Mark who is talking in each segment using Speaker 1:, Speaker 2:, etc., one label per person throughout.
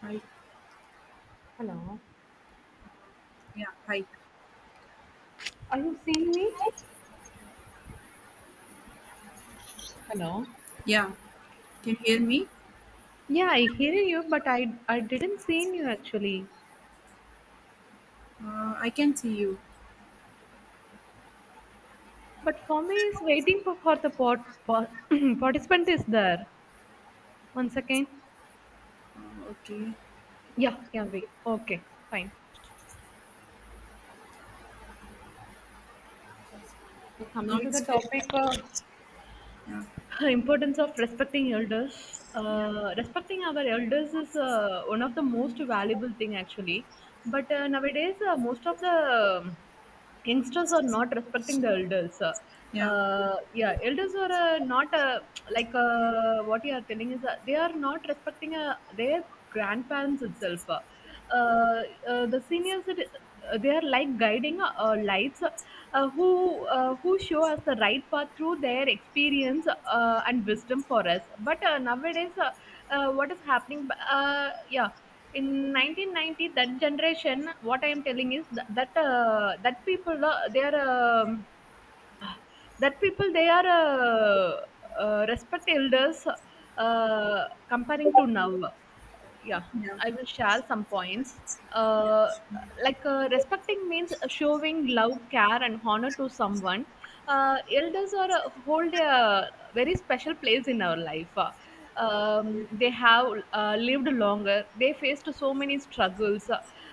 Speaker 1: Hi.
Speaker 2: Hello.
Speaker 1: Yeah. Hi.
Speaker 2: Are you seeing me? Hello.
Speaker 1: Yeah. Can you hear me?
Speaker 2: Yeah, I hear you, but I didn't see you actually.
Speaker 1: I can see you.
Speaker 2: But for me is waiting for the participant is there. One second.
Speaker 1: Okay.
Speaker 2: Yeah, yeah, wait. Okay, fine. Yeah,
Speaker 1: Now
Speaker 2: coming to the
Speaker 1: it's clear.
Speaker 2: topic of
Speaker 1: Yeah.
Speaker 2: importance of respecting elders.
Speaker 1: Yeah.
Speaker 2: Respecting our elders is one of the most valuable thing actually. But nowadays, most of the um, youngsters are not respecting the elders.
Speaker 1: Yeah.
Speaker 2: Yeah, elders are not like what you are telling is they are not respecting their grandparents itself. The seniors, they are like guiding lights who show us the right path through their experience and wisdom for us. But nowadays, what is happening? Yeah in 1990 that generation what I am telling is that that people they are ah, that people they are respect elders uh, comparing to now. yeah
Speaker 1: Yeah.
Speaker 2: I will share some points. uh, Respecting means showing love, care, and honor to someone. Elders are hold a very special place in our life. They have lived longer. They faced so many struggles.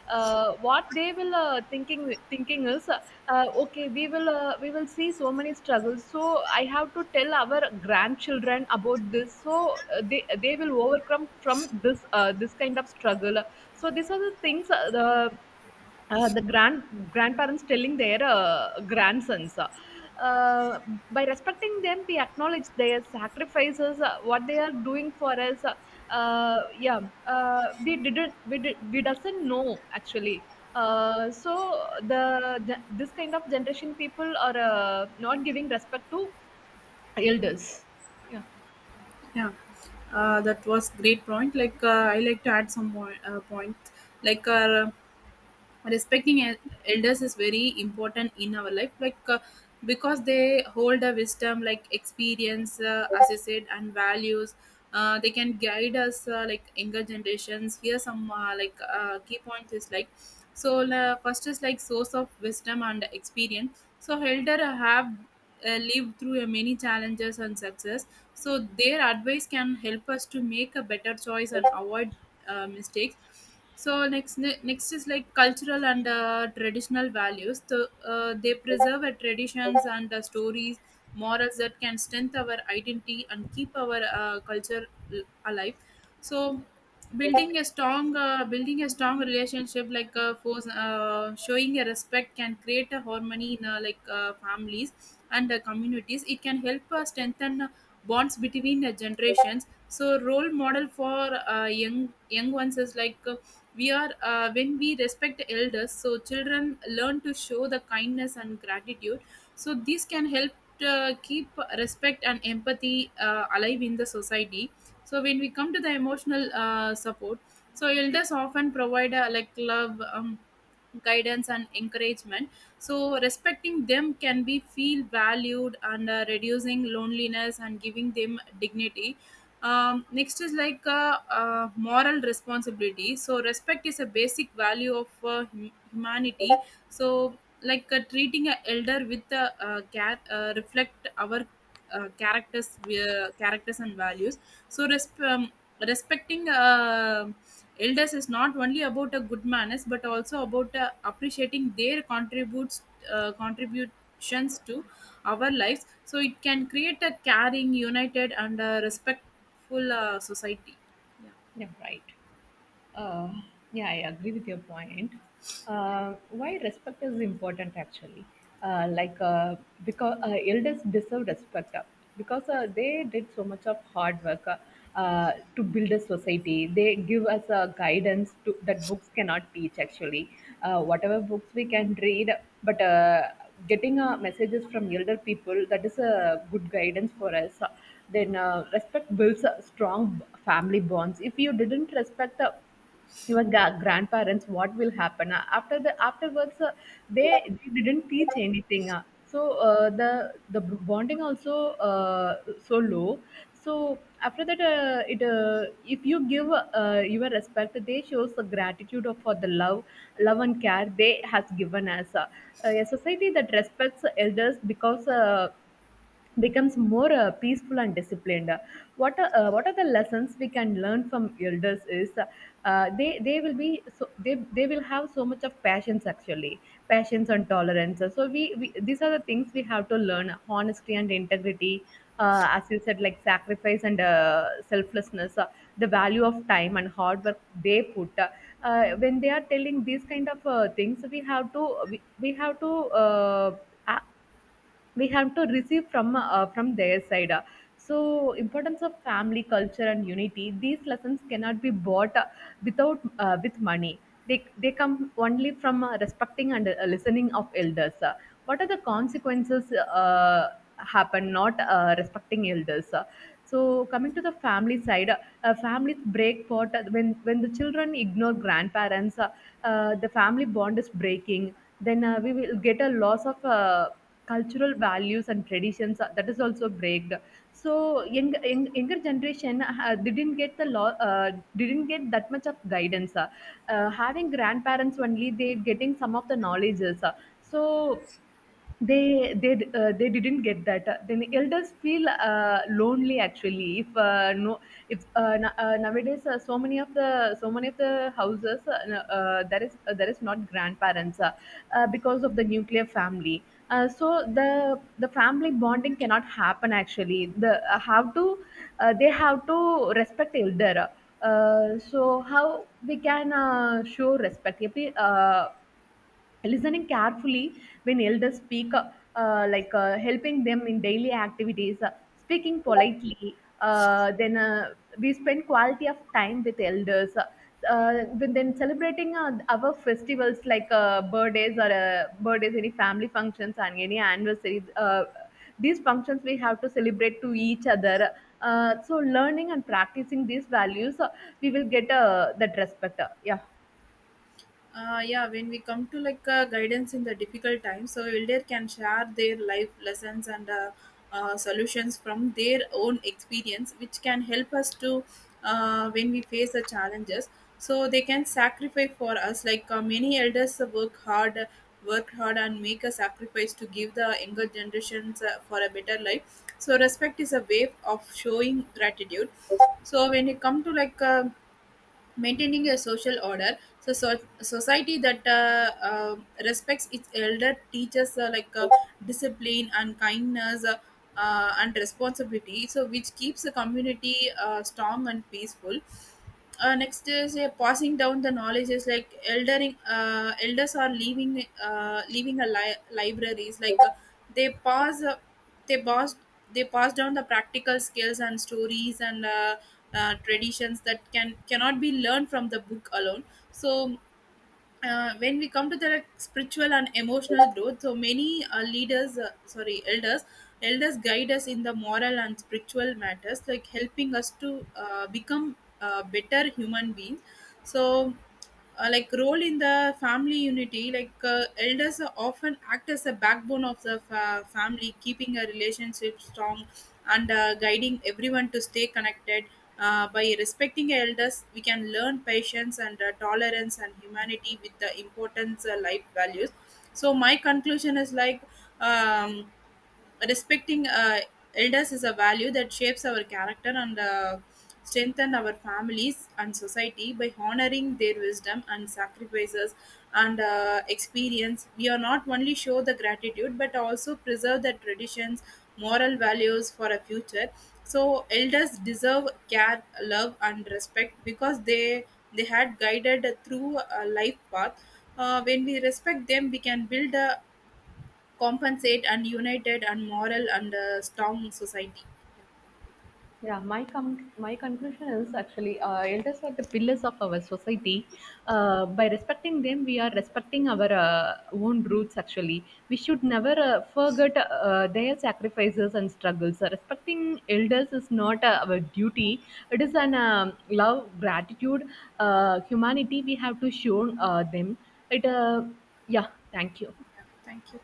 Speaker 2: What they will thinking is, okay, we will see so many struggles. So I have to tell our grandchildren about this. So they will overcome from this kind of struggle. So these are the things the grandparents telling their grandsons. By respecting them we acknowledge their sacrifices what they are doing for us. uh, yeah we didn't we doesn't know actually. So the this kind of generation people are not giving respect to elders. yeah
Speaker 1: Yeah. That was great point. I like to add some more point. Like uh, Respecting elders is very important in our life because they hold a wisdom like experience, as you said, and values. They can guide us, like younger generations here some, key point is like. So first is like source of wisdom and experience, so elder have lived through many challenges and success. So their advice can help us to make a better choice and avoid mistakes. So next, next is like cultural and traditional values. So, they preserve our traditions and stories, morals that can strengthen our identity and keep our culture alive. So building a strong relationship like, showing a respect can create a harmony in, families and communities. It can help strengthen bonds between generations. So role model for young ones is like, we are, when we respect elders, so children learn to show the kindness and gratitude. So this can help keep respect and empathy alive in the society. So when we come to the emotional support, so elders often provide, like love, guidance and encouragement. So respecting them can be feel valued and reducing loneliness and giving them dignity. Next is like, moral responsibility. So respect is a basic value of humanity. So treating an elder with a, cat, reflect our characters and values. So respecting elders is not only about a good manners but also about appreciating their contributes contributions to our lives. So it can create a caring, united and respectful full society. Yeah.
Speaker 2: yeah right. Uh, yeah, I agree with your point. Why respect is important actually? Uh, like uh, because elders deserve respect because they did so much of hard work, to build a society. They give us a guidance to, that books cannot teach actually. Whatever books we can read, but getting messages from elder people that is a good guidance for us. Then respect builds a strong family bonds. If you didn't respect the your grandparents what will happen after the afterwards they, they didn't teach anything, so the bonding also so low. So after that it if you give your respect they shows the gratitude for the love and care they has given us. A society that respects elders because becomes more peaceful and disciplined. What are the lessons we can learn from elders is, they will be so they will have so much of passions actually, passions and tolerance. So we these are the things we have to learn honesty and integrity. As you said, like sacrifice and selflessness, the value of time and hard work they put. When they are telling these kind of things, we have to we have to uh, a- we have to receive from their side. So importance of family culture and unity, these lessons cannot be bought without with money. They come only from respecting and listening of elders. What are the consequences uh, happen not respecting elders? So coming to the family side, families break apart when the children ignore grandparents. The family bond is breaking. Then we will get a loss of cultural values and traditions that is also breaked. So younger generation didn't get the law, didn't get that much of guidance. Having grandparents only they getting some of the knowledges. So they they they didn't get that. Then elders feel lonely actually. If nowadays so many of the so many of the houses, there is not grandparents, because of the nuclear family. So the family bonding cannot happen actually. The how to they have to respect elder. So how we can show respect? If we, listening carefully when elders speak, helping them in daily activities, speaking politely, then we spend quality of time with elders. Uh, uh, when then celebrating our festivals like birthdays, any family functions and any anniversaries, these functions we have to celebrate to each other. So learning and practicing these values, we will get that respect. Yeah
Speaker 1: Yeah, when we come to like, guidance in the difficult times, so elder can share their life lessons and, solutions from their own experience, which can help us to when we face the challenges. So they can sacrifice for us, many elders work hard and make a sacrifice to give the younger generations for a better life. So respect is a way of showing gratitude. So when you come to like, maintaining a social order, so society that respects its elder teaches, discipline and kindness, and responsibility, so which keeps the community strong and peaceful. Next is passing down the knowledge is like eldering, elders are leaving a libraries like, they pass uh, they pass they pass down the practical skills and stories and, traditions that can cannot be learned from the book alone. So when we come to the spiritual and emotional growth, so many leaders sorry elders elders guide us in the moral and spiritual matters, like helping us to become better human beings. So like role in the family unity, elders are often act as a backbone of the family, keeping a relationship strong and guiding everyone to stay connected. By respecting elders, we can learn patience and tolerance and humanity with the importance life values. So my conclusion is like, um, respecting elders is a value that shapes our character and strengthen our families and society by honoring their wisdom and sacrifices and experience. We are not only show the gratitude but also preserve the traditions, moral values for a future. So elders deserve care, love and respect because they had guided through a life path. When we respect them, we can build a compensate and united and moral and a strong society.
Speaker 2: Yeah, my my conclusion is actually elders are the pillars of our society. By respecting them, we are respecting our own roots. Actually, we should never forget their sacrifices and struggles. Respecting elders is not our duty; it is an love, gratitude, humanity we have to show them. It, uh, yeah, Thank you.
Speaker 1: Yeah, thank you.